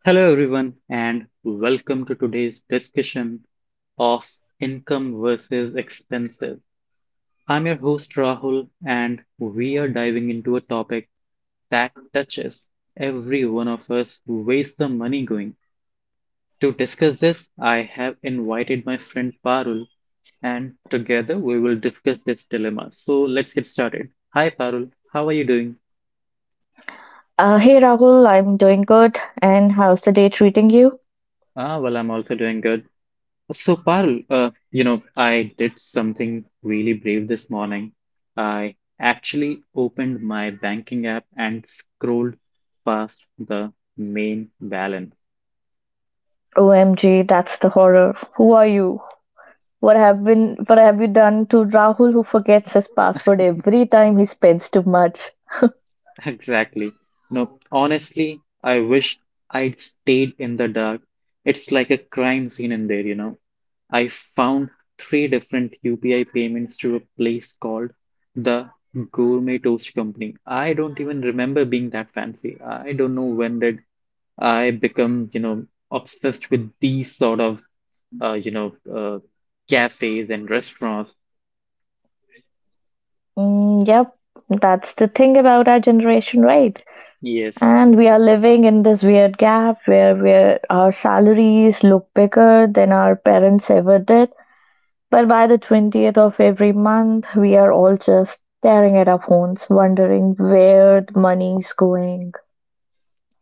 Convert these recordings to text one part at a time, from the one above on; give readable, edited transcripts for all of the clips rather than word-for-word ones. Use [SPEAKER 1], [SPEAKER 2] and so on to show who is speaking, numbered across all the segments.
[SPEAKER 1] Hello, everyone, and welcome to today's discussion of income versus expenses. I'm your host, Rahul, and we are diving into a topic that touches every one of us. Where's the money going? To discuss this, I have invited my friend Parul, and together we will discuss this dilemma. So let's get started. Hi, Parul, how are you doing?
[SPEAKER 2] Hey Rahul, I'm doing good. And how's the day treating you?
[SPEAKER 1] I'm also doing good. So, Parul, I did something really brave this morning. I actually opened my banking app and scrolled past the main balance.
[SPEAKER 2] OMG, that's the horror. Who are you? What have you done to Rahul who forgets his password every time he spends too much?
[SPEAKER 1] Exactly. No, honestly, I wish I'd stayed in the dark. It's like a crime scene in there. I found three different UPI payments to a place called the Gourmet Toast Company. I don't even remember being that fancy. I don't know, when did I become, obsessed with these sort of, uh, you know, uh, cafes and restaurants?
[SPEAKER 2] Mm, yep, that's the thing about our generation, right?
[SPEAKER 1] Yes,
[SPEAKER 2] And we are living in this weird gap where our salaries look bigger than our parents ever did, but by the 20th of every month, we are all just staring at our phones, wondering where the money is going.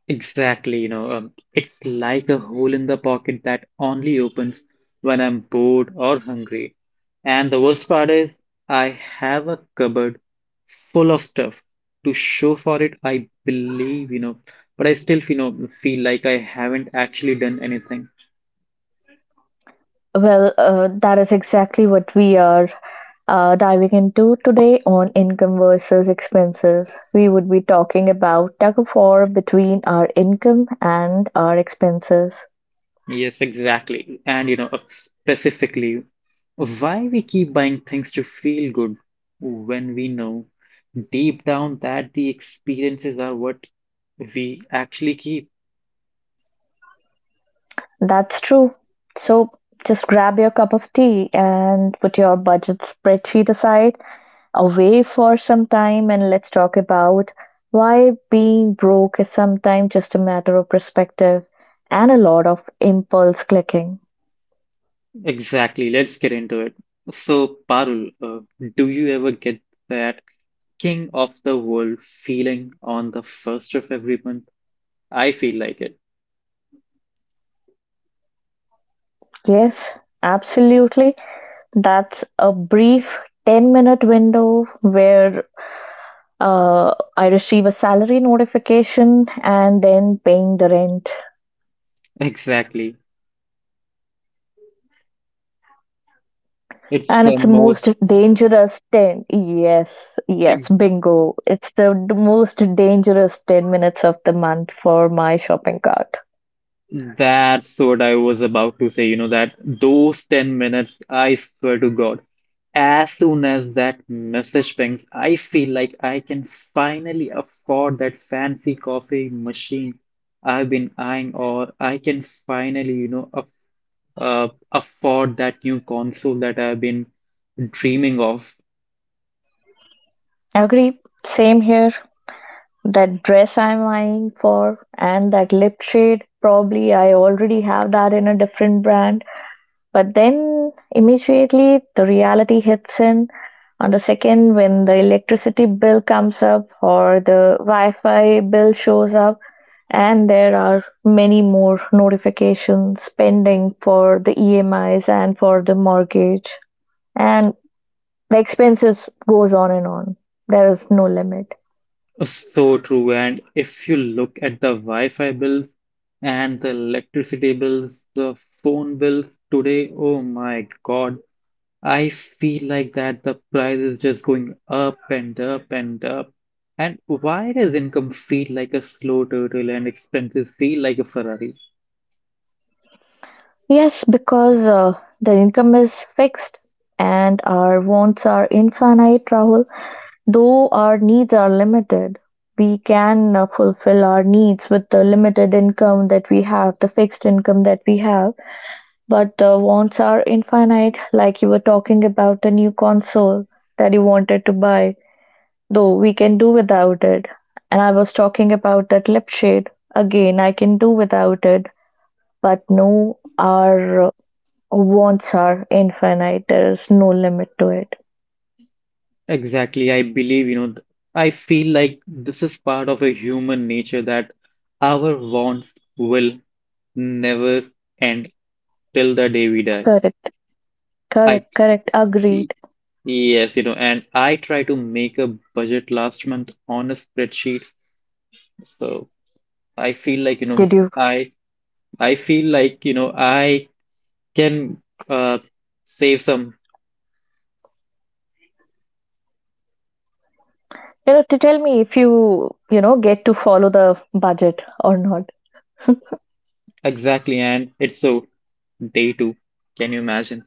[SPEAKER 1] exactly. It's like a hole in the pocket that only opens when I'm bored or hungry. And the worst part is, I have a cupboard full of stuff to show for it, I believe, but I still, feel like I haven't actually done anything.
[SPEAKER 2] Well, that is exactly what we are diving into today on income versus expenses. We would be talking about tug of war between our income and our expenses.
[SPEAKER 1] Yes, exactly. And specifically, why we keep buying things to feel good when we know deep down that the experiences are what we actually keep.
[SPEAKER 2] That's true. So just grab your cup of tea and put your budget spreadsheet aside away for some time and let's talk about why being broke is sometimes just a matter of perspective and a lot of impulse clicking.
[SPEAKER 1] Exactly. Let's get into it. So, Parul, do you ever get that king of the world feeling on the first of every month? I feel like it.
[SPEAKER 2] Yes, absolutely. That's a brief 10-minute minute window where I receive a salary notification and then paying the rent,
[SPEAKER 1] Exactly. It's
[SPEAKER 2] and
[SPEAKER 1] the
[SPEAKER 2] it's the most
[SPEAKER 1] most—
[SPEAKER 2] dangerous 10. Yes, yes, bingo. It's the most dangerous 10 minutes of the month for my shopping cart.
[SPEAKER 1] that's what I was about to say, that those 10 minutes, I swear to God, as soon as that message pings, I feel like I can finally afford that fancy coffee machine I've been eyeing, or I can finally afford that new console that I've been dreaming of.
[SPEAKER 2] Agree. Same here. That dress I'm eyeing for and that lip shade, probably I already have that in a different brand. But then immediately the reality hits in. On the second, when the electricity bill comes up or the Wi Fi bill shows up, and there are many more notifications pending for the EMIs and for the mortgage. And the expenses goes on and on. There is no limit.
[SPEAKER 1] So true. And if you look at the Wi-Fi bills and the electricity bills, the phone bills today, oh my God, I feel like that the price is just going up and up and up. And why does income feel like a slow turtle and expenses feel like a Ferrari?
[SPEAKER 2] Yes, because the income is fixed and our wants are infinite, Rahul. Though our needs are limited, we can fulfill our needs with the limited income that we have, the fixed income that we have. But the wants are infinite, like you were talking about a new console that you wanted to buy, though we can do without it. And I was talking about that lip shade. Again, I can do without it, but no, our wants are infinite. There is no limit to it.
[SPEAKER 1] Exactly. I believe, I feel like this is part of a human nature that our wants will never end till the day we die.
[SPEAKER 2] Correct,
[SPEAKER 1] I
[SPEAKER 2] correct, correct. Agreed.
[SPEAKER 1] y- yes, and I try to make a budget last month on a spreadsheet. So I feel like,
[SPEAKER 2] Did you?
[SPEAKER 1] I I feel like, I can uh save some.
[SPEAKER 2] You know, to tell me if you get to follow the budget or not.
[SPEAKER 1] Exactly, and it's so day two. Can you imagine?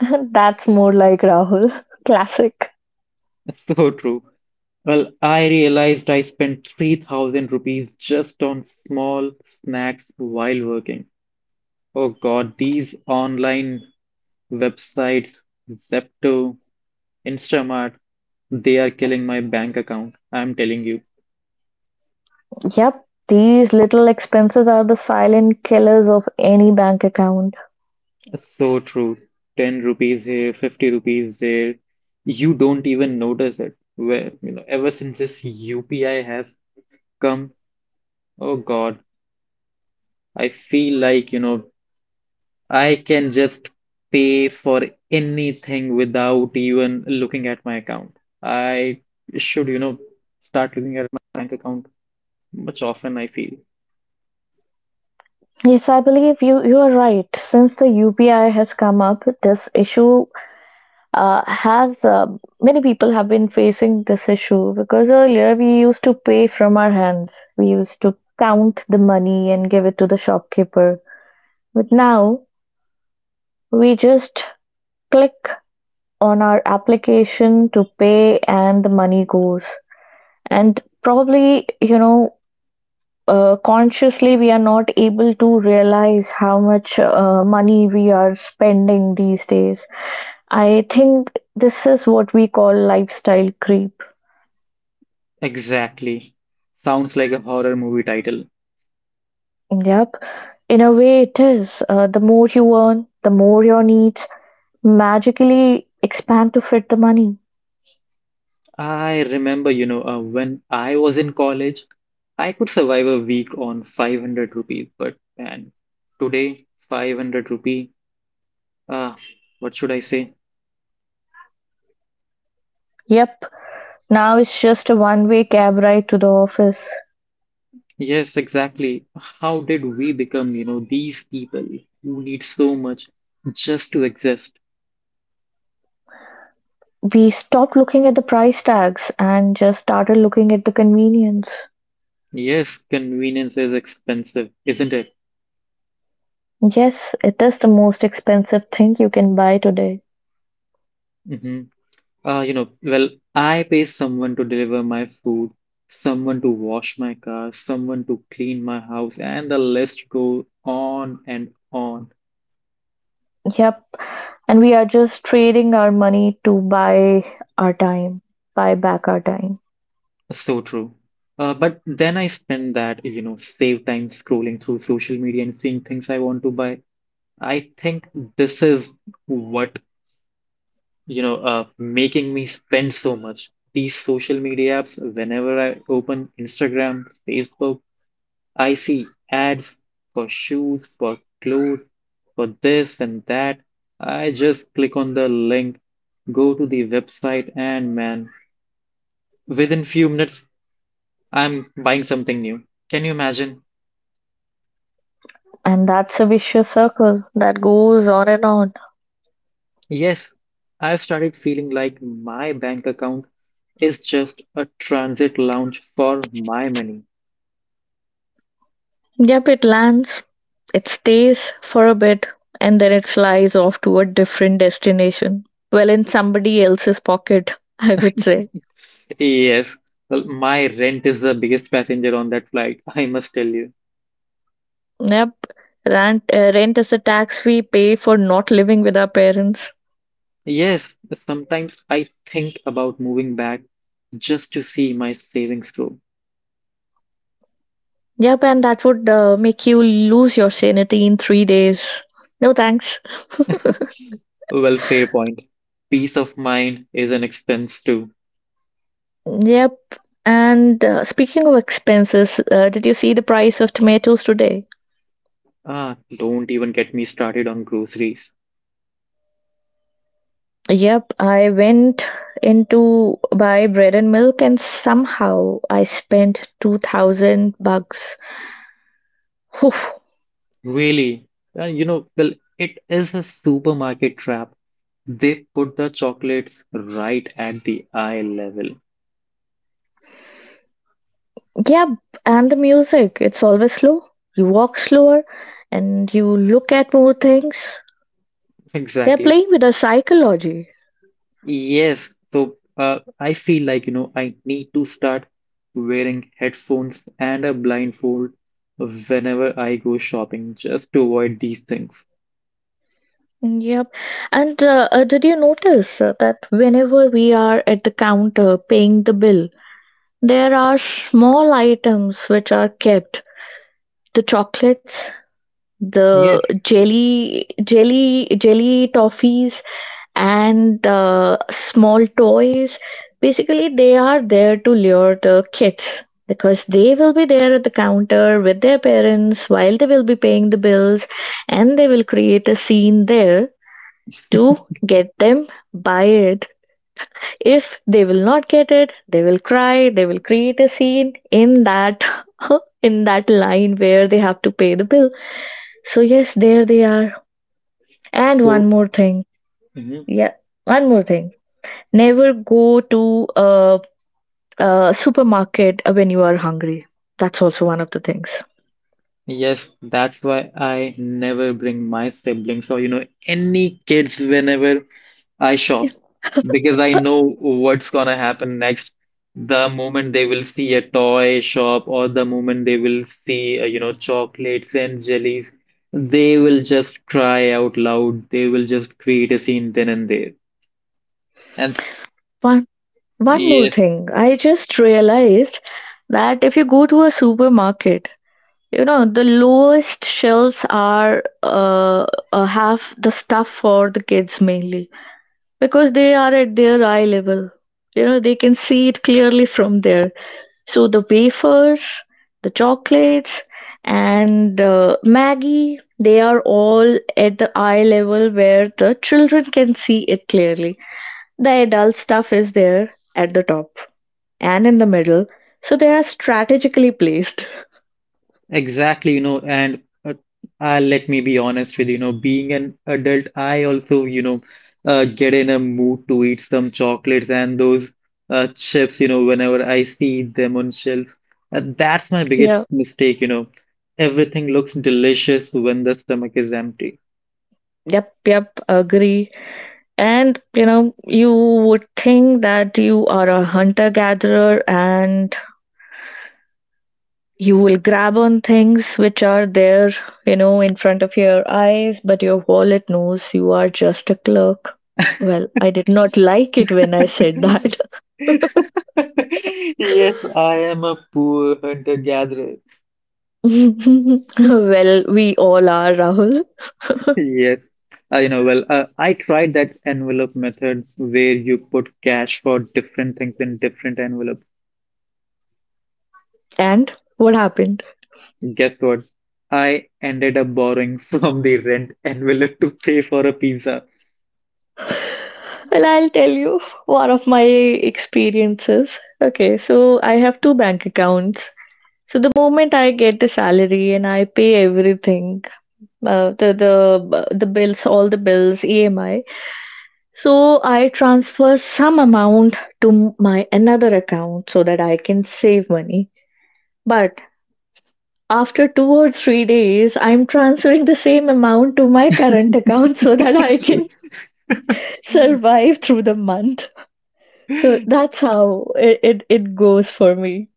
[SPEAKER 2] That's more like Rahul. Classic.
[SPEAKER 1] It's so true. Well, I realized I spent 3,000 rupees just on small snacks while working. Oh God, these online websites, Zepto, Instamart, they're killing my bank account, I'm telling you.
[SPEAKER 2] Yep, these little expenses are the silent killers of any bank account.
[SPEAKER 1] So true. 10 rupees here, 50 rupees there. You don't even notice it. Ever since this UPI has come, oh God, I feel like, I can just pay for anything without even looking at my account. I should start looking at my bank account much often, I feel.
[SPEAKER 2] Yes, I believe you are right. Since the UPI has come up, this issue has many people have been facing this issue because earlier we used to pay from our hands. We used to count the money and give it to the shopkeeper. But now we just click on our application to pay and the money goes. And probably, consciously we are not able to realize how much money we are spending these days. I think this is what we call lifestyle creep.
[SPEAKER 1] Exactly. Sounds like a horror movie title.
[SPEAKER 2] Yep. In a way, it is. The more you earn, the more your needs magically expand to fit the money.
[SPEAKER 1] I remember, when I was in college, I could survive a week on 500 rupees, but man, today 500 rupee, ah, what should I say?
[SPEAKER 2] Yep. Now it's just a one way cab ride to the office.
[SPEAKER 1] Yes, exactly. How did we become, these people who need so much just to exist?
[SPEAKER 2] We stopped looking at the price tags and just started looking at the convenience.
[SPEAKER 1] Yes, convenience is expensive, isn't it?
[SPEAKER 2] Yes, it is the most expensive thing you can buy today.
[SPEAKER 1] Mm-hmm. I pay someone to deliver my food, someone to wash my car, someone to clean my house, and the list goes on and on.
[SPEAKER 2] Yep. And we are just trading our money to buy our time, buy back our time.
[SPEAKER 1] So true. But then I spend that, save time scrolling through social media and seeing things I want to buy. I think this is what, making me spend so much. These social media apps, whenever I open Instagram, Facebook, I see ads for shoes, for clothes, for this and that. I just click on the link, go to the website, and man, within few minutes, I'm buying something new. Can you imagine?
[SPEAKER 2] And that's a vicious circle that goes on and on.
[SPEAKER 1] Yes, I've started feeling like my bank account is just a transit lounge for my money.
[SPEAKER 2] Yep, it lands, it stays for a bit, and then it flies off to a different destination. Well, in somebody else's pocket, I would say.
[SPEAKER 1] Yes, well, my rent is the biggest passenger on that flight, I must tell you.
[SPEAKER 2] Yep. Rent is a tax we pay for not living with our parents.
[SPEAKER 1] Yes, sometimes I think about moving back just to see my savings grow.
[SPEAKER 2] Yep, and that would make you lose your sanity in 3 days. No thanks.
[SPEAKER 1] Well, fair point. Peace of mind is an expense too.
[SPEAKER 2] Yep. And speaking of expenses, did you see the price of tomatoes today?
[SPEAKER 1] Ah, don't even get me started on groceries.
[SPEAKER 2] Yep, I went in to buy bread and milk, and somehow I spent 2000 bucks. Whew.
[SPEAKER 1] Really? Uh, you know, well, it is a supermarket trap. They put the chocolates right at the eye level.
[SPEAKER 2] Yeah, and the music, it's always slow. You walk slower and you look at more things. They're
[SPEAKER 1] Exactly.
[SPEAKER 2] playing with our psychology.
[SPEAKER 1] Yes, so I feel like I need to start wearing headphones and a blindfold whenever I go shopping just to avoid these things.
[SPEAKER 2] Yep. And did you notice that whenever we are at the counter paying the bill, there are small items which are kept the chocolates, the
[SPEAKER 1] Yes,
[SPEAKER 2] jelly toffees, and small toys. Basically, they are there to lure the kids because they will be there at the counter with their parents while they will be paying the bills and they will create a scene there to get them buy it. If they will not get it, they will cry. They will create a scene in that in that line where they have to pay the bill. So yes, there they are. And one
[SPEAKER 1] So,
[SPEAKER 2] more thing.
[SPEAKER 1] mhm.
[SPEAKER 2] Yeah, one more thing. Never go to a supermarket when you are hungry. That's also one of the things.
[SPEAKER 1] Yes, that's why I never bring my siblings or, any kids whenever I shop because I know what's gonna happen next. The moment they will see a toy shop or the moment they will see, chocolates and jellies, they will just cry out loud. They will just create a scene then and there. And
[SPEAKER 2] One one more
[SPEAKER 1] yes,
[SPEAKER 2] thing, I just realized that if you go to a supermarket, the lowest shelves are have the stuff for the kids mainly because they are at their eye level. You know, they can see it clearly from there. So the wafers, the chocolates, and Maggie, they are all at the eye level where the children can see it clearly. The adult stuff is there at the top and in the middle. So they are strategically placed.
[SPEAKER 1] exactly, you know, and let me be honest with you, being an adult, I also, get in a mood to eat some chocolates and those chips, whenever I see them on shelves. That's my
[SPEAKER 2] Yeah.
[SPEAKER 1] biggest mistake, Everything looks delicious when the stomach is empty.
[SPEAKER 2] Yep, yep, agree. And you know, you would think that you are a hunter gatherer and you will grab on things which are there, in front of your eyes, but your wallet knows you are just a clerk. Well, I did not like it when I said that.
[SPEAKER 1] Yes, I am a poor hunter-gatherer.
[SPEAKER 2] Well, we all are, Rahul.
[SPEAKER 1] Yes, I know well. I tried that envelope method where you put cash for different things in different envelopes.
[SPEAKER 2] And what happened?
[SPEAKER 1] Guess what? I ended up borrowing from the rent envelope to pay for a pizza.
[SPEAKER 2] Well, I'll tell you one of my experiences. Okay, so I have two bank accounts. So the moment I get the salary and I pay everything, the bills, all the bills, EMI. So I transfer some amount to my another account so that I can save money. But after 2 or 3 days, I'm transferring the same amount to my current account so that I can survive through the month. So that's how it goes for me.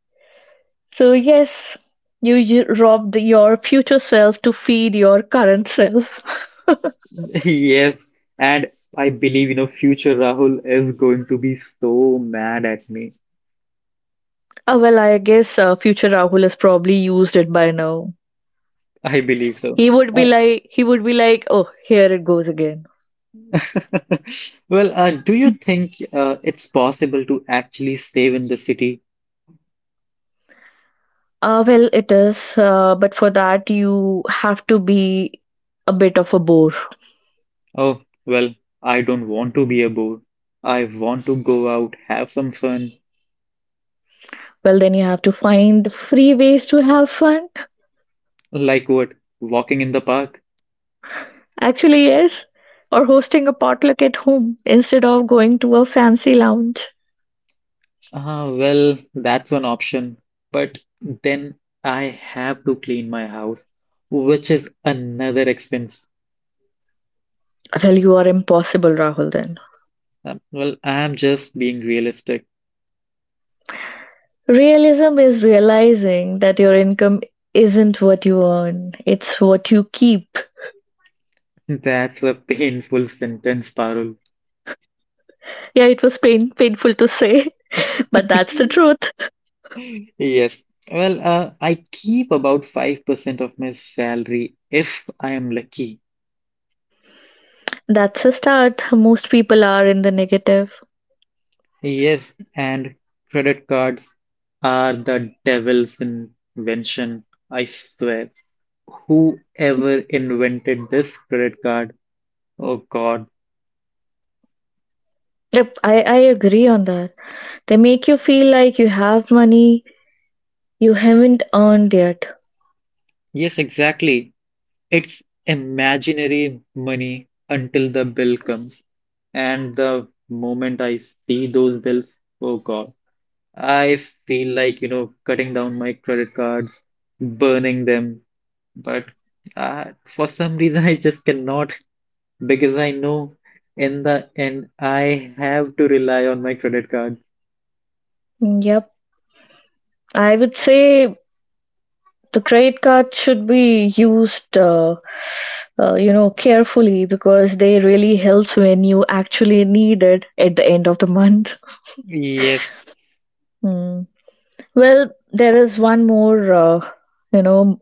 [SPEAKER 2] So, yes, you robbed your future self to feed your current self.
[SPEAKER 1] Yes, and I believe, future Rahul is going to be so mad at me.
[SPEAKER 2] Well, I guess future Rahul has probably used it by now.
[SPEAKER 1] I believe so.
[SPEAKER 2] He would be
[SPEAKER 1] Uh,
[SPEAKER 2] like, he would be like, oh, here it goes again.
[SPEAKER 1] well, do you think it's possible to actually save in the city?
[SPEAKER 2] Well, it is, but for that you have to be a bit of a bore.
[SPEAKER 1] Oh, well, I don't want to be a bore. I want to go out, have some fun.
[SPEAKER 2] Well, then you have to find free ways to have fun.
[SPEAKER 1] Like what? Walking in the park?
[SPEAKER 2] Actually, yes, or hosting a potluck at home instead of going to a fancy lounge.
[SPEAKER 1] Ah, well, that's one option. But then I have to clean my house, which is another expense.
[SPEAKER 2] Well, you are impossible, Rahul, then.
[SPEAKER 1] Well, I'm just being realistic.
[SPEAKER 2] Realism is realizing that your income isn't what you earn, it's what you keep.
[SPEAKER 1] That's a painful sentence, Parul.
[SPEAKER 2] Yeah, it was painful to say, but that's the truth.
[SPEAKER 1] Yes. Well, I keep about 5% of my salary if I am lucky.
[SPEAKER 2] That's a start. Most people are in the negative.
[SPEAKER 1] Yes, and credit cards are the devil's invention, I swear. Whoever invented this credit card? Oh God.
[SPEAKER 2] Yep, I agree on that. They make you feel like you have money you haven't earned yet.
[SPEAKER 1] Yes, exactly. It's imaginary money until the bill comes. And the moment I see those bills, oh God, I feel like, cutting down my credit cards, burning them. But for some reason, I just cannot, because I know in the end I have to rely on my credit card.
[SPEAKER 2] Yep, I would say the credit card should be used, carefully because they really helps when you actually need it at the end of the month.
[SPEAKER 1] Yes,
[SPEAKER 2] Hmm. Well, there is one more, you know,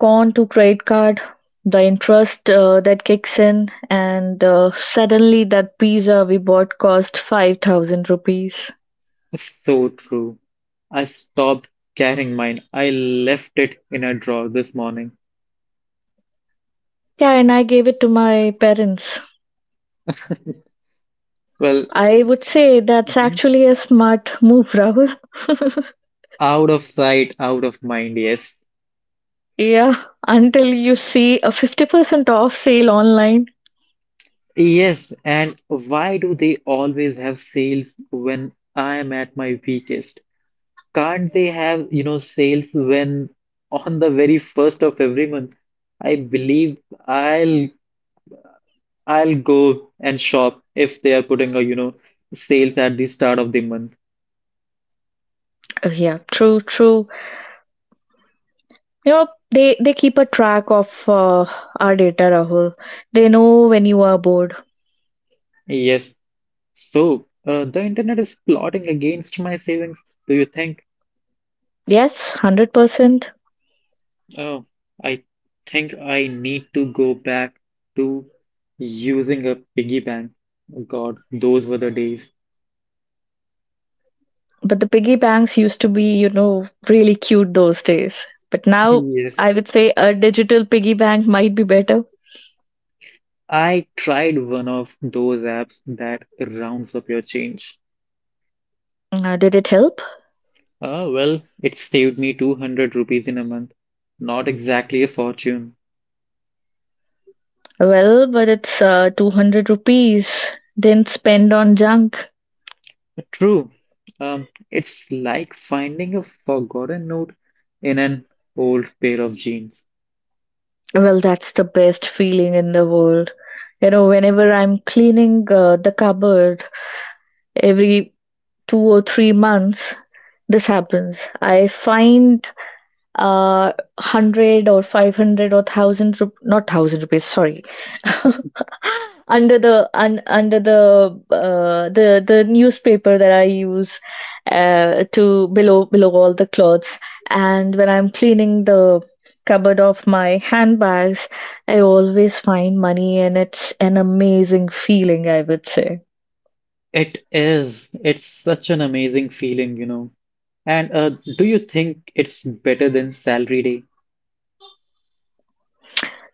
[SPEAKER 2] gone to credit card, the interest that kicks in, and suddenly that pizza we bought cost 5000 rupees.
[SPEAKER 1] so true. I stopped carrying mine. I left it in a drawer this morning.
[SPEAKER 2] Yeah, and I gave it to my parents.
[SPEAKER 1] Well,
[SPEAKER 2] I would say that's
[SPEAKER 1] mhm,
[SPEAKER 2] actually a smart move, Rahul.
[SPEAKER 1] out of sight, out of mind, yes.
[SPEAKER 2] Yeah, until you see a 50% off sale online.
[SPEAKER 1] Yes, and why do they always have sales when I am at my weakest? Can't they have, sales when on the very first of every month? I believe I'll I'll go and shop if they are putting a, sales at the start of the month.
[SPEAKER 2] Yeah, true, true. You know, they keep a track of our data, Rahul. They know when you are bored.
[SPEAKER 1] Yes. So, the internet is plotting against my savings. Do you think?
[SPEAKER 2] Yes, 100%.
[SPEAKER 1] Oh, I think I need to go back to using a piggy bank. Oh God, those were the days.
[SPEAKER 2] But the piggy banks used to be, really cute those days. But now
[SPEAKER 1] Yes.
[SPEAKER 2] I would say a digital piggy bank might be better.
[SPEAKER 1] I tried one of those apps that rounds up your change.
[SPEAKER 2] Did it help?
[SPEAKER 1] Ah, well, it saved me 200 rupees in a month. Not exactly a fortune,
[SPEAKER 2] Well, but it's 200 rupees. Didn't spend on junk.
[SPEAKER 1] true. It's like finding a forgotten note in an old pair of jeans.
[SPEAKER 2] Well, that's the best feeling in the world. You know, whenever I'm cleaning the cupboard every 2 or 3 months, this happens. I find 100 or 500 or 1000, not 1000 rupees, sorry, under under the newspaper that I use to below all the clothes. And when I'm cleaning the cupboard of my handbags, I always find money, and it's an amazing feeling, I would say.
[SPEAKER 1] It is. It's such an amazing feeling, you know. And do you think it's better than salary day?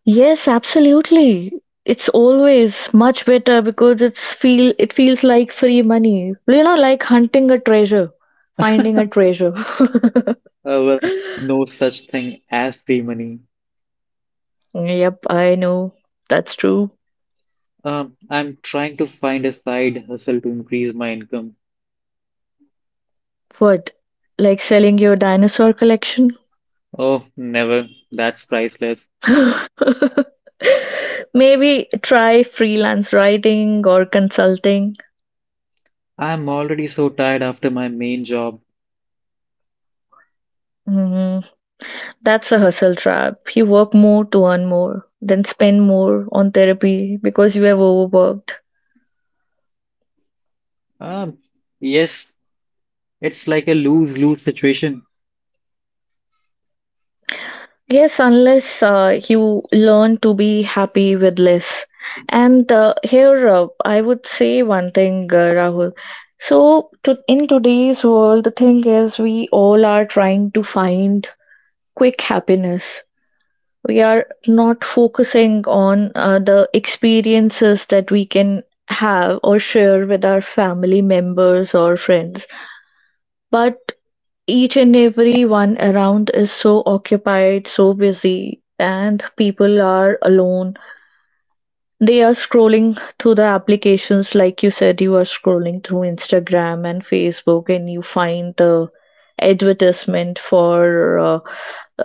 [SPEAKER 2] Yes, absolutely. It's always much better because it feels like free money. You know, like hunting a treasure, finding a treasure.
[SPEAKER 1] Well, no such thing as free money.
[SPEAKER 2] Yep, I know. That's true.
[SPEAKER 1] I'm trying to find a side hustle to increase my income.
[SPEAKER 2] What? Like selling your dinosaur collection?
[SPEAKER 1] Oh, never. That's priceless.
[SPEAKER 2] Maybe try freelance writing or consulting.
[SPEAKER 1] I'm already so tired after my main job.
[SPEAKER 2] Mm, that's a hustle trap. You work more to earn more, then spend more on therapy because you have overworked.
[SPEAKER 3] Um, yes, it's like a lose-lose situation.
[SPEAKER 2] Yes, unless you learn to be happy with less. And here I would say one thing, Rahul. In today's world, the thing is, we all are trying to find quick happiness. We are not focusing on the experiences that we can have or share with our family members or friends. But each and every one around is so occupied, so busy, and people are alone. They are scrolling through the applications. Like you said, you are scrolling through Instagram and Facebook, and you find the advertisement for uh,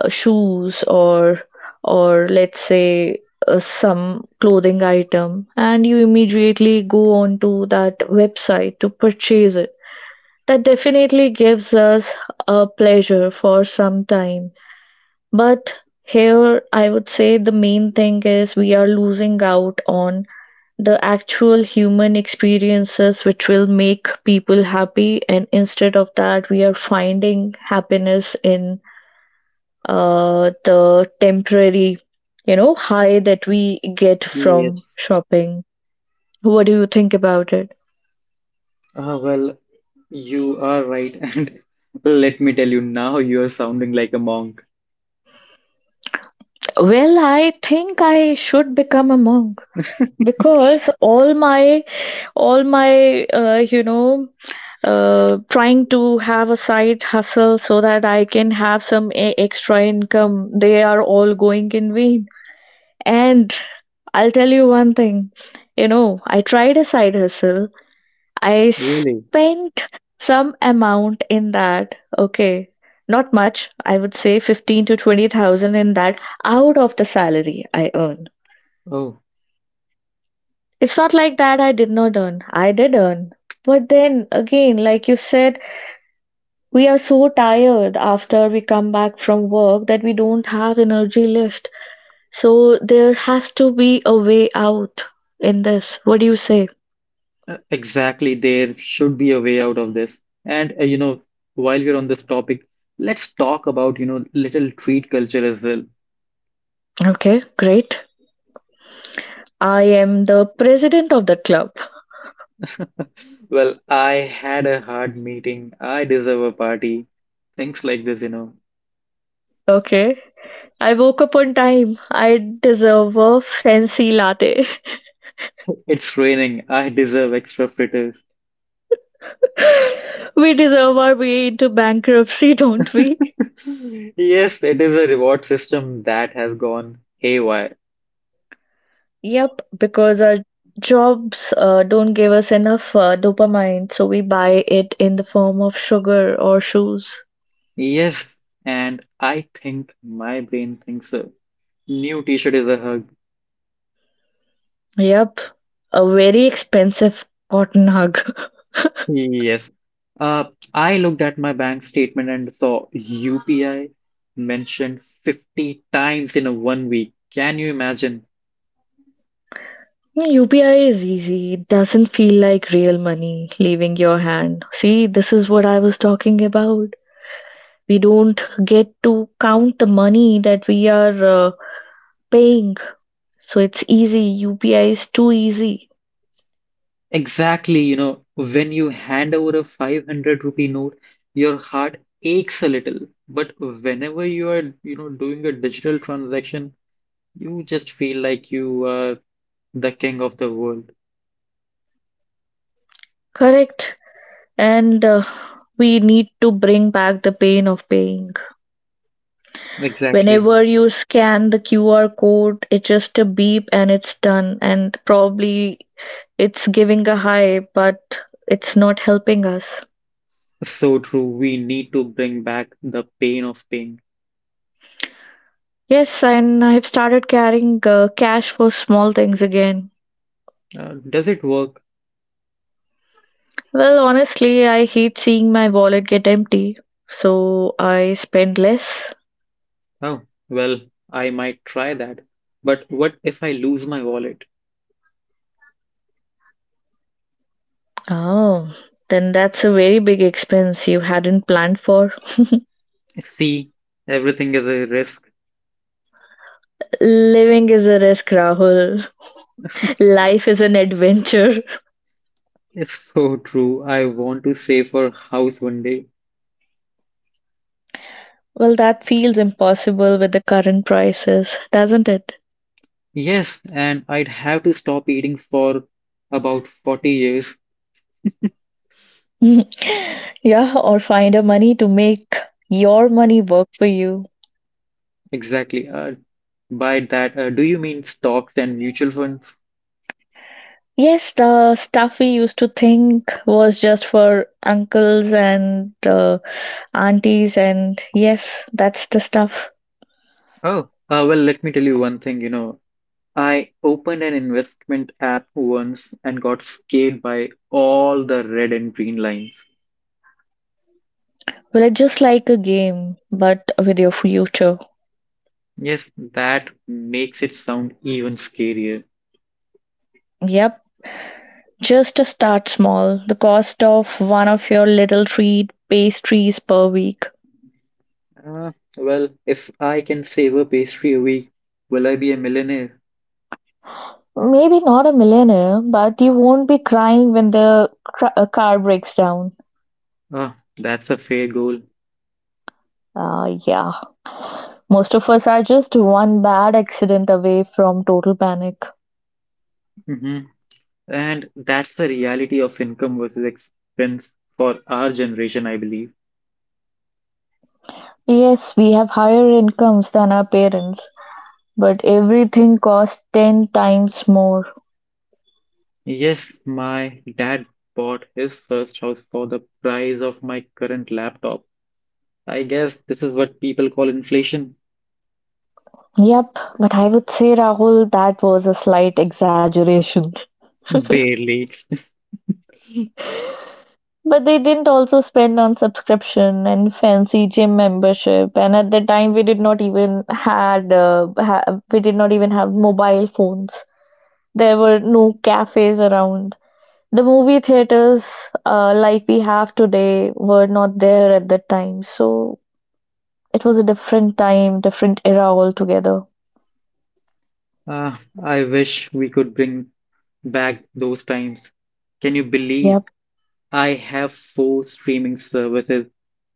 [SPEAKER 2] uh, shoes, or let's say some clothing item, and you immediately go on to that website to purchase it. That definitely gives us a pleasure for some time. But here I would say the main thing is, we are losing out on the actual human experiences which will make people happy, and instead of that, we are finding happiness in the temporary, you know, high that we get from
[SPEAKER 3] Yes.
[SPEAKER 2] shopping. What do you think about it?
[SPEAKER 3] Well, you are right. And let me tell you, now you are sounding like a monk.
[SPEAKER 2] Well, I think I should become a monk because all my all my uh, you know trying to have a side hustle so that I can have some extra income, they are all going in vain. And I'll tell you one thing, you know, I tried a side hustle. I
[SPEAKER 3] Really?
[SPEAKER 2] spent some amount in that. Okay, not much, I would say 15 to 20 thousand in that, out of the salary I earn.
[SPEAKER 3] Oh,
[SPEAKER 2] It's not like that I did not earn. I did earn. But then again, like you said, we are so tired after we come back from work that we don't have energy left. So there has to be a way out in this. What do you say?
[SPEAKER 3] exactly. There should be a way out of this. And while we're on this topic, let's talk about, little treat culture as well.
[SPEAKER 2] Okay, great. I am the president of the club.
[SPEAKER 3] Well, I had a hard meeting. I deserve a party. Things like this.
[SPEAKER 2] Okay. I woke up on time. I deserve a fancy latte.
[SPEAKER 3] It's raining. I deserve extra fritters.
[SPEAKER 2] We deserve our way into bankruptcy, don't we?
[SPEAKER 3] Yes, it is a reward system that has gone haywire.
[SPEAKER 2] Yep, because our jobs don't give us enough dopamine, so we buy it in the form of sugar or shoes.
[SPEAKER 3] Yes, and I think my brain thinks so. New t-shirt is a hug.
[SPEAKER 2] Yep, a very expensive cotton hug.
[SPEAKER 3] Yes. Uh, I looked at my bank statement and saw UPI mentioned 50 times in a one week. Can you imagine?
[SPEAKER 2] UPI is easy. It doesn't feel like real money leaving your hand. See, this is what I was talking about. We don't get to count the money that we are paying. So it's easy. UPI is too easy.
[SPEAKER 3] Exactly, when you hand over a 500 rupee note, your heart aches a little. But whenever you are, doing a digital transaction, you just feel like you are the king of the world.
[SPEAKER 2] Correct. And we need to bring back the pain of paying.
[SPEAKER 3] Exactly.
[SPEAKER 2] Whenever you scan the QR code, it's just a beep and it's done, and probably it's giving a high, but it's not helping us.
[SPEAKER 3] So true. We need to bring back the pain of pain.
[SPEAKER 2] Yes, and I've started carrying cash for small things again.
[SPEAKER 3] Does it work?
[SPEAKER 2] Well, honestly, I hate seeing my wallet get empty, so I spend less.
[SPEAKER 3] Oh, well, I might try that. But what if I lose my wallet?
[SPEAKER 2] Oh, then that's a very big expense you hadn't planned for.
[SPEAKER 3] See, everything is a risk.
[SPEAKER 2] Living is a risk, Rahul. Life is an adventure.
[SPEAKER 3] It's so true. I want to save for house one day.
[SPEAKER 2] Well, that feels impossible with the current prices, doesn't it?
[SPEAKER 3] Yes, and I'd have to stop eating for about 40 years.
[SPEAKER 2] Yeah, or find a money to make your money work for you.
[SPEAKER 3] Exactly. By that, do you mean stocks and mutual funds?
[SPEAKER 2] Yes, the stuff we used to think was just for uncles and aunties, and yes, that's the stuff.
[SPEAKER 3] Oh, well, let me tell you one thing, I opened an investment app once and got scared by all the red and green lines.
[SPEAKER 2] Well, it's just like a game, but with your future.
[SPEAKER 3] Yes, that makes it sound even scarier.
[SPEAKER 2] Yep. Just to start small, the cost of one of your little treat pastries per week.
[SPEAKER 3] Uh, well, if I can save a pastry a week, will I be a millionaire?
[SPEAKER 2] Maybe not a millionaire, but you won't be crying when the car breaks down.
[SPEAKER 3] Ah, that's a fair goal.
[SPEAKER 2] Yeah, most of us are just one bad accident away from total panic.
[SPEAKER 3] hmm And that's the reality of income versus expense for our generation, I believe.
[SPEAKER 2] Yes, we have higher incomes than our parents, but everything costs 10 times more.
[SPEAKER 3] Yes, my dad bought his first house for the price of my current laptop. I guess this is what people call inflation.
[SPEAKER 2] Yep, but I would say, Rahul, that was a slight exaggeration.
[SPEAKER 3] Barely.
[SPEAKER 2] But they didn't also spend on subscription and fancy gym membership. And at that time, we did not even have mobile phones. There were no cafes around. The movie theaters, like we have today, were not there at that time. So it was a different time, different era altogether.
[SPEAKER 3] Ah, I wish we could bring back those times. Can you believe
[SPEAKER 2] Yep,
[SPEAKER 3] I have four streaming services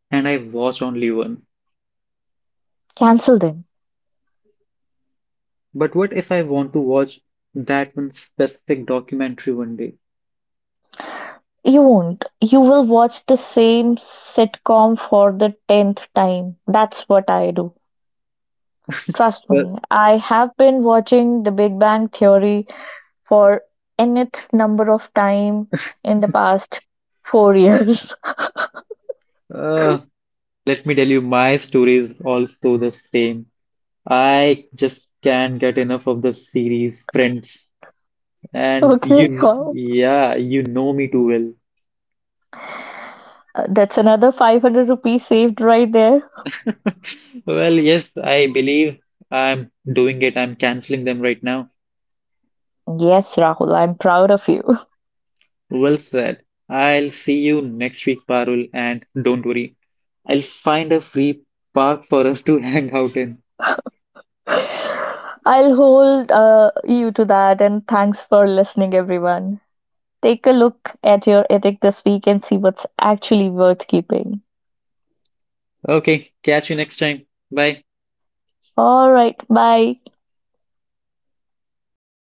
[SPEAKER 3] and I watch only one?
[SPEAKER 2] cancel them.
[SPEAKER 3] But what if I want to watch that one specific documentary one day?
[SPEAKER 2] You won't. You will watch the same sitcom for the tenth time. That's what I do. Trust
[SPEAKER 3] Well,
[SPEAKER 2] me, I have been watching The Big Bang Theory for nth number of time in the past 4 years.
[SPEAKER 3] uh, let me tell you, my story is also the same. I just can't get enough of the series Friends. And you,
[SPEAKER 2] Okay, wow.
[SPEAKER 3] yeah, you know me too well.
[SPEAKER 2] That's another 500 rupees saved right there.
[SPEAKER 3] Well, yes, I believe I'm doing it. I'm canceling them right now.
[SPEAKER 2] Yes, Rahul, I'm proud of you.
[SPEAKER 3] Well said. I'll see you next week, Parul, and don't worry. I'll find a free park for us to hang out in.
[SPEAKER 2] I'll hold you to that, and thanks for listening, everyone. Take a look at your ethic this week and see what's actually worth keeping.
[SPEAKER 3] Okay, catch you next time. Bye.
[SPEAKER 2] All right, bye.